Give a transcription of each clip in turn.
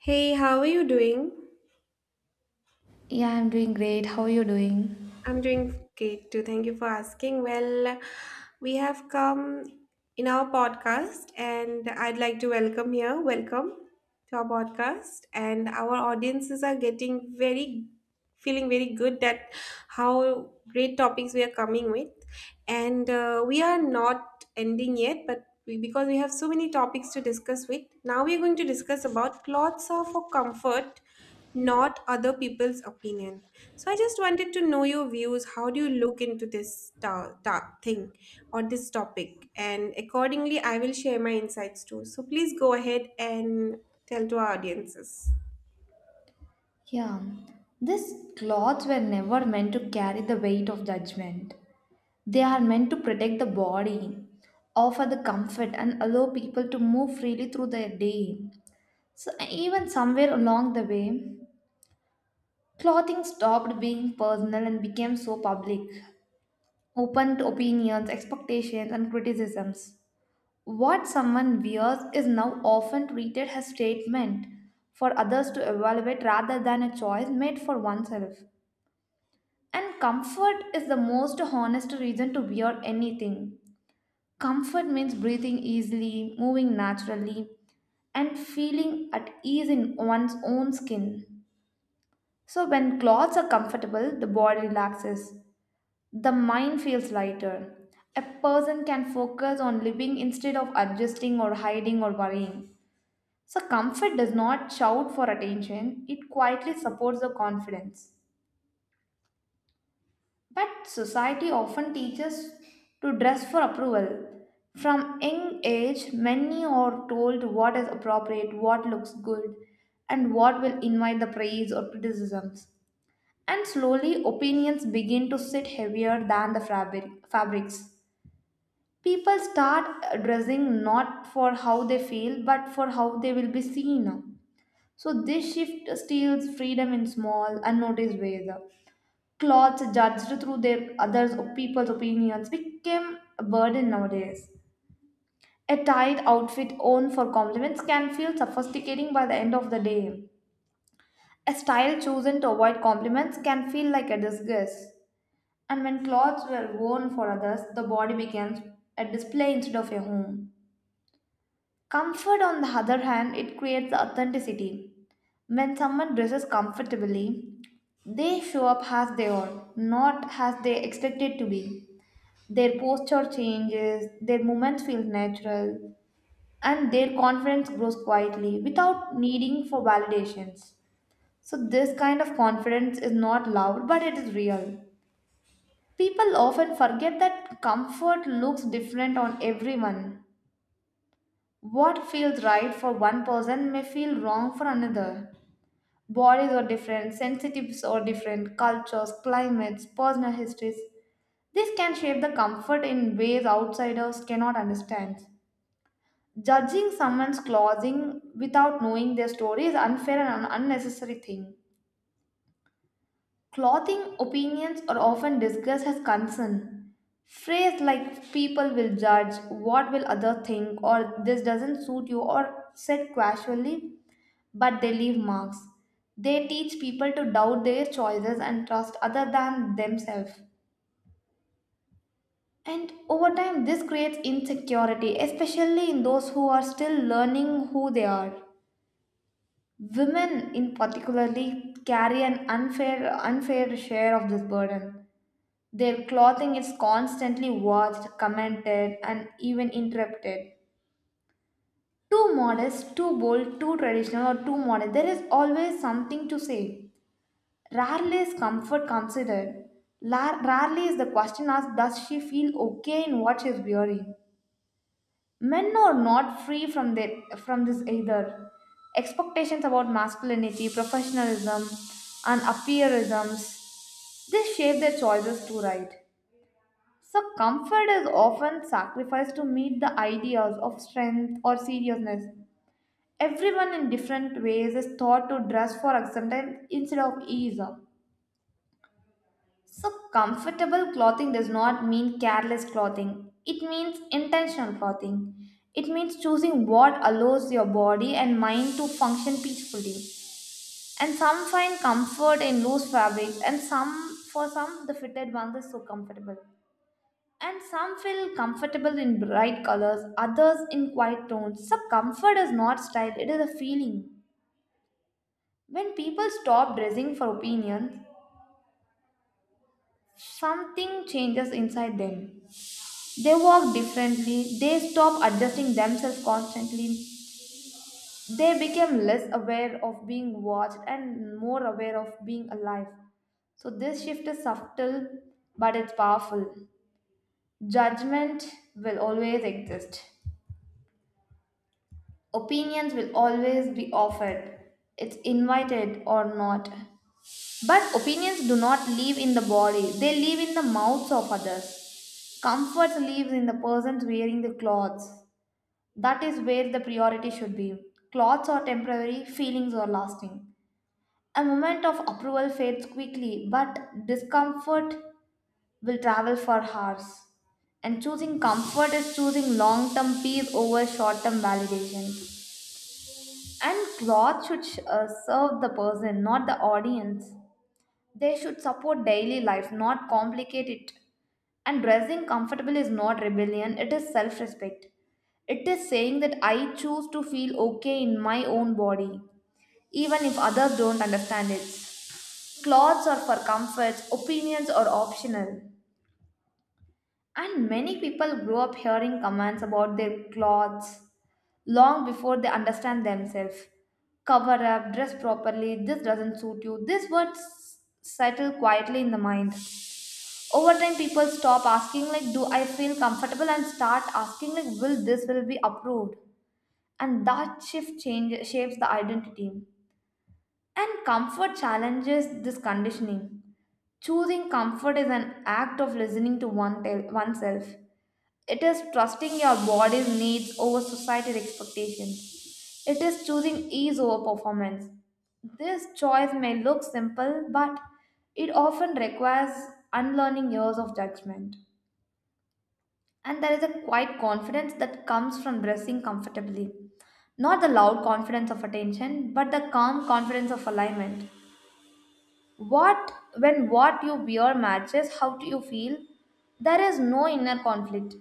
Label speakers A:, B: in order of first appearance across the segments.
A: Hey, how are you doing?
B: Yeah, I'm doing great. How are you doing?
A: I'm doing great too. Thank you for asking. Well, we have come in our podcast, and I'd like to welcome here. Welcome to our podcast, and our audiences are getting very, feeling very good that how great topics we are coming with, and we are not ending yet, but. We, because we have so many topics to discuss with now we're going to discuss about clothes are for comfort not other people's opinion so I just wanted to know your views. How do you look into this thing or this topic? And accordingly, I will share my insights too. So please go ahead and tell to our audiences.
B: Yeah, these clothes were never meant to carry the weight of judgment. They are meant to protect the body, offer the comfort, and allow people to move freely through their day. So, even somewhere along the way, clothing stopped being personal and became so public, open to opinions, expectations, and criticisms. What someone wears is now often treated as statement for others to evaluate rather than a choice made for oneself. And comfort is the most honest reason to wear anything. Comfort means breathing easily, moving naturally, and feeling at ease in one's own skin. So, when clothes are comfortable, the body relaxes, the mind feels lighter. A person can focus on living instead of adjusting or hiding or worrying. So, comfort does not shout for attention, it quietly supports the confidence. But society often teaches to dress for approval. From young age, many are told what is appropriate, what looks good, and what will invite the praise or criticisms. And slowly, opinions begin to sit heavier than the fabric, fabrics. People start dressing not for how they feel, but for how they will be seen. So this shift steals freedom in small, unnoticed ways. Clothes judged through their others or people's opinions became a burden nowadays. A tight outfit owned for compliments can feel sophisticating by the end of the day. A style chosen to avoid compliments can feel like a disgust. And when clothes were worn for others, the body becomes a display instead of a home. Comfort, on the other hand, it creates authenticity. When someone dresses comfortably, they show up as they are, not as they expected to be. Their posture changes, their movements feel natural, and their confidence grows quietly without needing for validations. So this kind of confidence is not loud, but it is real. People often forget that comfort looks different on everyone. What feels right for one person may feel wrong for another. Bodies are different, sensitives are different, cultures, climates, personal histories. This can shape the comfort in ways outsiders cannot understand. Judging someone's clothing without knowing their story is unfair and an unnecessary thing. Clothing opinions are often discussed as concern. Phrase like people will judge, what will other think, or this doesn't suit you, or said casually but they leave marks. They teach people to doubt their choices and trust other than themselves. And over time, this creates insecurity, especially in those who are still learning who they are. Women, in particularly, carry an unfair share of this burden. Their clothing is constantly watched, commented, and even interrupted. Too modest, too bold, too traditional, or too modern, there is always something to say. Rarely is comfort considered. Rarely is the question asked, does she feel okay in what she is wearing? Men are not free from, their, From this either. Expectations about masculinity, professionalism, and appearisms, they shape their choices too, right? So, comfort is often sacrificed to meet the ideas of strength or seriousness. Everyone in different ways is taught to dress for acceptance instead of ease. So, comfortable clothing does not mean careless clothing. It means intentional clothing. It means choosing what allows your body and mind to function peacefully. And some find comfort in loose fabrics, and for some, the fitted ones are so comfortable. And some feel comfortable in bright colors, others in quiet tones. So, comfort is not style, it is a feeling. When people stop dressing for opinion, something changes inside them. They walk differently, they stop adjusting themselves constantly, they became less aware of being watched and more aware of being alive. So, this shift is subtle but it's powerful. Judgment will always exist, opinions will always be offered, it's invited or not. But opinions do not live in the body, they live in the mouths of others. Comfort lives in the persons wearing the clothes. That is where the priority should be. Clothes are temporary, feelings are lasting. A moment of approval fades quickly, but discomfort will travel for hours. And choosing comfort is choosing long term peace over short term validation. And clothes should serve the person, not the audience. They should support daily life, not complicate it. And dressing comfortable is not rebellion, it is self respect. It is saying that I choose to feel okay in my own body, even if others don't understand it. Clothes are for comfort, opinions are optional. And many people grow up hearing comments about their clothes long before they understand themselves. Cover up, dress properly, this doesn't suit you. These words settle quietly in the mind over time people stop asking like do I feel comfortable and start asking like will this will be approved, and that shift change shapes the identity, and comfort challenges this conditioning. Choosing comfort is an act of listening to oneself. It is trusting your body's needs over society's expectations, it is choosing ease over performance. This choice may look simple but it often requires unlearning years of judgment. And there is a quiet confidence that comes from dressing comfortably. Not the loud confidence of attention, but the calm confidence of alignment. What When what you wear matches how you feel, there is no inner conflict.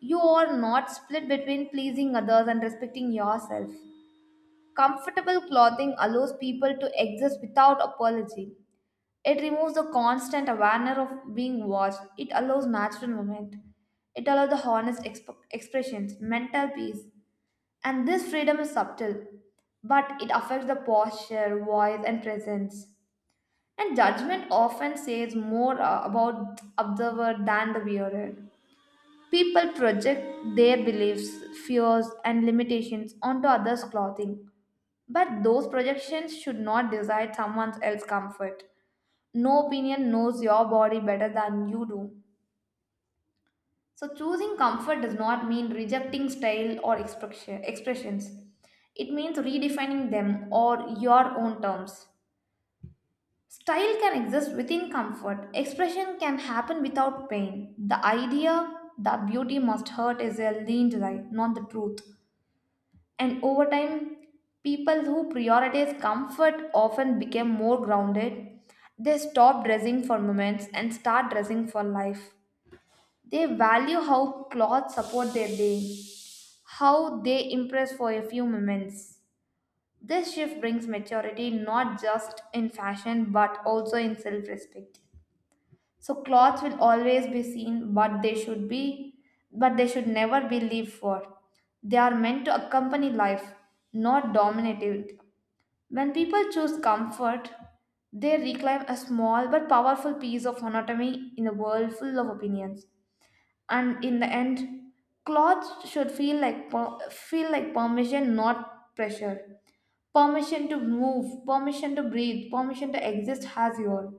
B: You are not split between pleasing others and respecting yourself. Comfortable clothing allows people to exist without apology. It removes the constant awareness of being watched. It allows natural movement. It allows the honest expressions, mental peace. And this freedom is subtle, but it affects the posture, voice, and presence. And judgment often says more about observer than the wearer. People project their beliefs, fears, and limitations onto others' clothing, but those projections should not decide someone else's comfort. No opinion knows your body better than you do. So, choosing comfort does not mean rejecting style or expressions. It means redefining them or your own terms. Style can exist within comfort, expression can happen without pain. The idea that beauty must hurt is a lean lie, not the truth. And over time, people who prioritize comfort often became more grounded. They stop dressing for moments and start dressing for life. They value how clothes support their day, how they impress for a few moments. This shift brings maturity not just in fashion but also in self respect. So clothes will always be seen, but they should never be lived for. They are meant to accompany life, not dominate it. When people choose comfort, they reclaim a small but powerful piece of autonomy in a world full of opinions. And in the end, clothes should feel like permission, not pressure. Permission to move, permission to breathe, permission to exist as you are.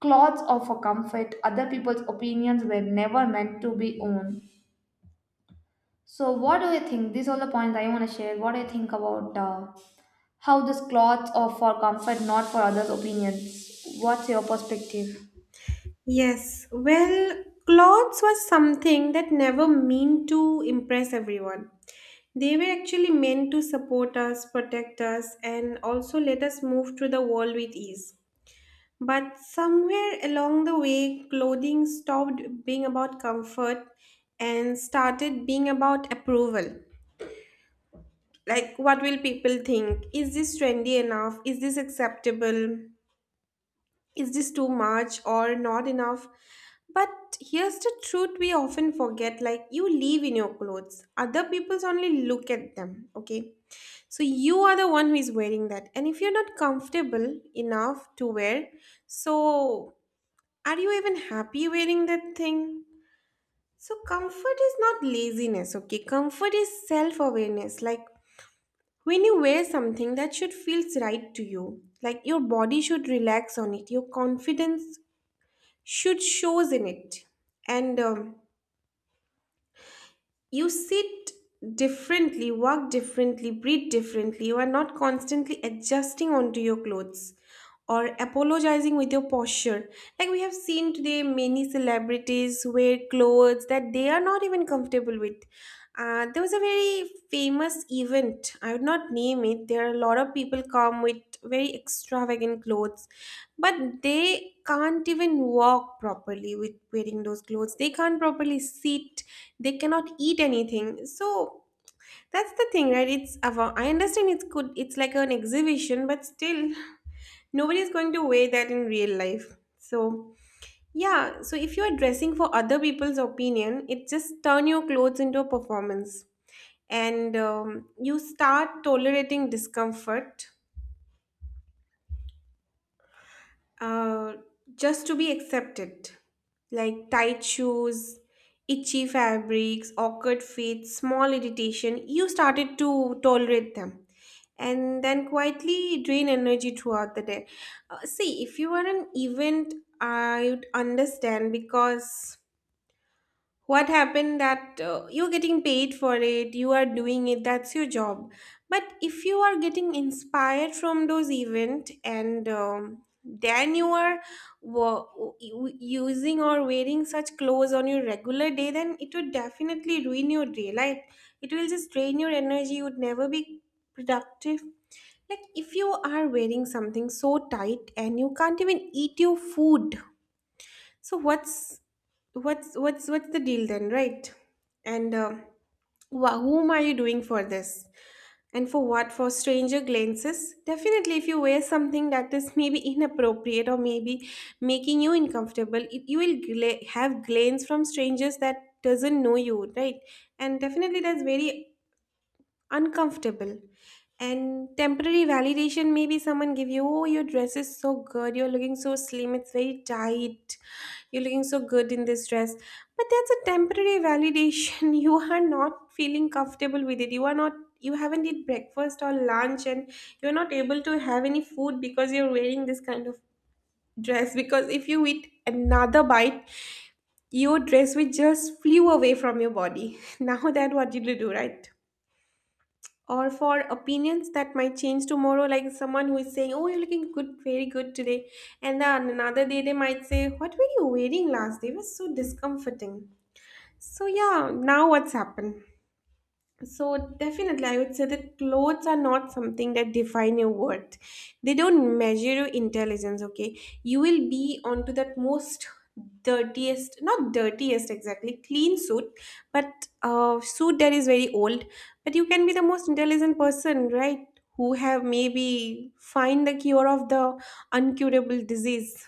B: Clothes offer comfort. Other people's opinions were never meant to be owned. So, what do you think? These are the points I want to share. What do you think about how this clothes are for comfort, not for others' opinions. What's your perspective?
A: Yes, well, clothes was something that never meant to impress everyone. They were actually meant to support us, protect us, and also let us move through the world with ease. But somewhere along the way, clothing stopped being about comfort and started being about approval. Like, what will people think? Is this trendy enough? Is this acceptable? Is this too much or not enough? But here's the truth we often forget like, you live in your clothes, other people's only look at them, okay? So, you are the one who is wearing that. And if you're not comfortable enough to wear, so are you even happy wearing that thing? So, comfort is not laziness, okay? Comfort is self awareness. Like when you wear something that should feels right to you, like your body should relax on it, your confidence should shows in it. And you sit differently, walk differently, breathe differently. You are not constantly adjusting onto your clothes or apologizing with your posture. Like we have seen today, many celebrities wear clothes that they are not even comfortable with. There was a very famous event. I would not name it. There are a lot of people come with very extravagant clothes, but they can't even walk properly with wearing those clothes. They can't properly sit, they cannot eat anything, so that's the thing, right? I understand it's good, it's like an exhibition, but still nobody's going to weigh that in real life. So yeah, so if you're dressing for other people's opinion it just turn your clothes into a performance, and you start tolerating discomfort uh, just to be accepted. Like tight shoes, itchy fabrics, awkward feet, small irritation, you started to tolerate them and then quietly drain energy throughout the day. See, if you were an event, I would understand because what happened that you're getting paid for it, you are doing it, that's your job. But if you are getting inspired from those event and then you are wa- using or wearing such clothes on your regular day, then it would definitely ruin your day. Like it will just drain your energy, you would never be productive. Like if you are wearing something so tight and you can't even eat your food, so what's the deal then, right? And whom are you doing for this? And for what? For stranger glances? Definitely, if you wear something that is maybe inappropriate or maybe making you uncomfortable, it, you will have glance from strangers that doesn't know you, right? And definitely, that's very uncomfortable, and temporary validation maybe someone give you, oh your dress is so good, you're looking so slim, it's very tight, you're looking so good in this dress, but that's a temporary validation. You are not feeling comfortable with it, you are not, you haven't eat breakfast or lunch and you're not able to have any food because you're wearing this kind of dress, because if you eat another bite your dress will just flew away from your body. Now that, what did you do, right? Or for opinions that might change tomorrow, like someone who is saying, oh you're looking good, very good today, and then another day they might say, what were you wearing last day, it was so discomforting. So yeah, now what's happened. So definitely, I would say that clothes are not something that define your worth. They don't measure your intelligence, okay? You will be onto that most dirtiest, not dirtiest exactly, clean suit, but suit that is very old. But you can be the most intelligent person, right? Who have maybe find the cure of the uncurable disease,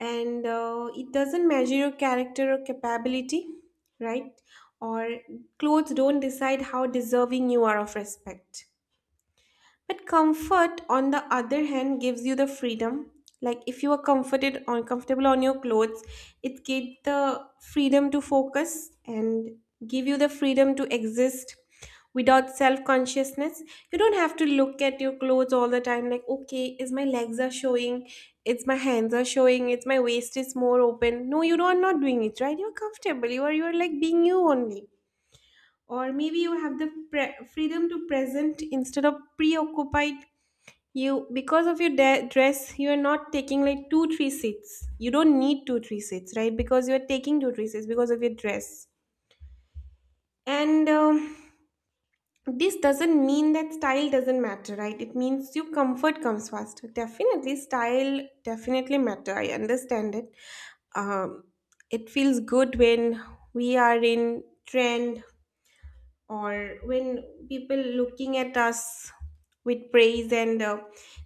A: and it doesn't measure your character or capability, right? Or clothes don't decide how deserving you are of respect. But comfort, on the other hand, gives you the freedom. Like if you are comforted on comfortable on your clothes, it gives the freedom to focus and give you the freedom to exist without self-consciousness. You don't have to look at your clothes all the time, like, okay, is my legs are showing, it's my hands are showing, it's my waist is more open. No, you are not doing it, right? You're comfortable. You're like being you only. Or maybe you have the freedom to present instead of preoccupied you, because of your dress, you are not taking like two three seats. You don't need two three seats, right? Because you are taking two three seats because of your dress. And this doesn't mean that style doesn't matter, right? It means your comfort comes first. Definitely, style definitely matter. I understand it. Um, it feels good when we are in trend or when people looking at us with praise, and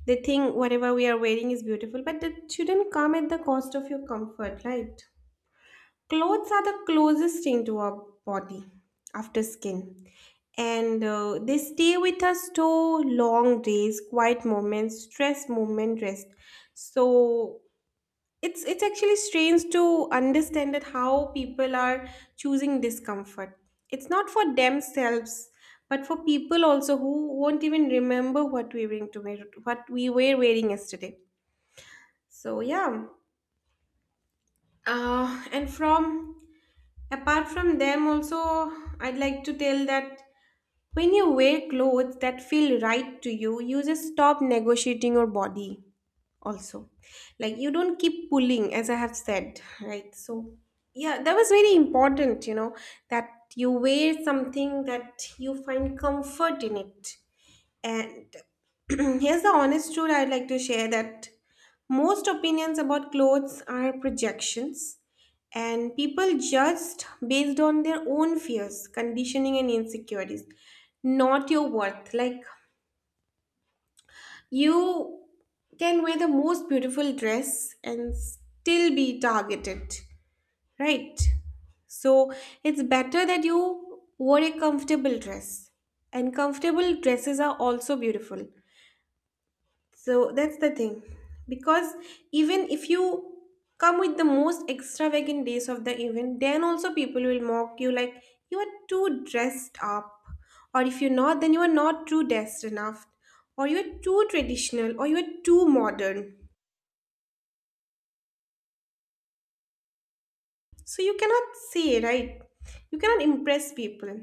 A: they think whatever we are wearing is beautiful, but that shouldn't come at the cost of your comfort, right? Clothes are the closest thing to our body after skin, and they stay with us to long days, quiet moments, stress moment, rest. So it's actually strange to understand that how people are choosing discomfort. It's not for themselves, but for people also who won't even remember what we were to wear, what we were wearing yesterday. So yeah, and from apart from them also, I'd like to tell that when you wear clothes that feel right to you, you just stop negotiating your body, also, like you don't keep pulling as I have said, right? So yeah, that was very important, you know, that you wear something that you find comfort in it. And here's the honest truth, I'd like to share that most opinions about clothes are projections, and people judged based on their own fears, conditioning and insecurities, not your worth. Like you can wear the most beautiful dress and still be targeted, right? So it's better that you wore a comfortable dress. And comfortable dresses are also beautiful. So that's the thing. Because even if you come with the most extravagant days of the event, then also people will mock you, like you are too dressed up. Or if you're not, then you are not too dressed enough. Or you're too traditional or you're too modern. So you cannot say, right? You cannot impress people.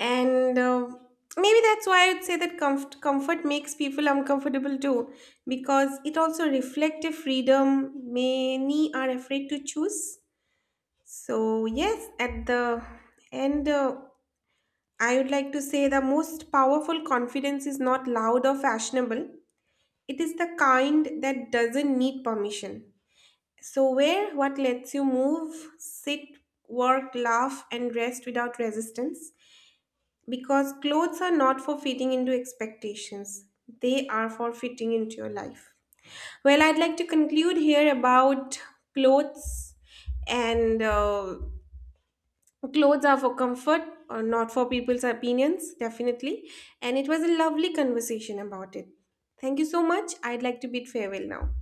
A: And maybe that's why I'd say that comfort makes people uncomfortable too, because it also reflects a freedom many are afraid to choose. So yes, at the end I would like to say the most powerful confidence is not loud or fashionable, it is the kind that doesn't need permission. So wear what lets you move, sit, work, laugh and rest without resistance, because clothes are not for fitting into expectations, they are for fitting into your life. Well, I'd like to conclude here about clothes, and clothes are for comfort, or not for people's opinions, definitely. And it was a lovely conversation about it. Thank you so much. I'd like to bid farewell now.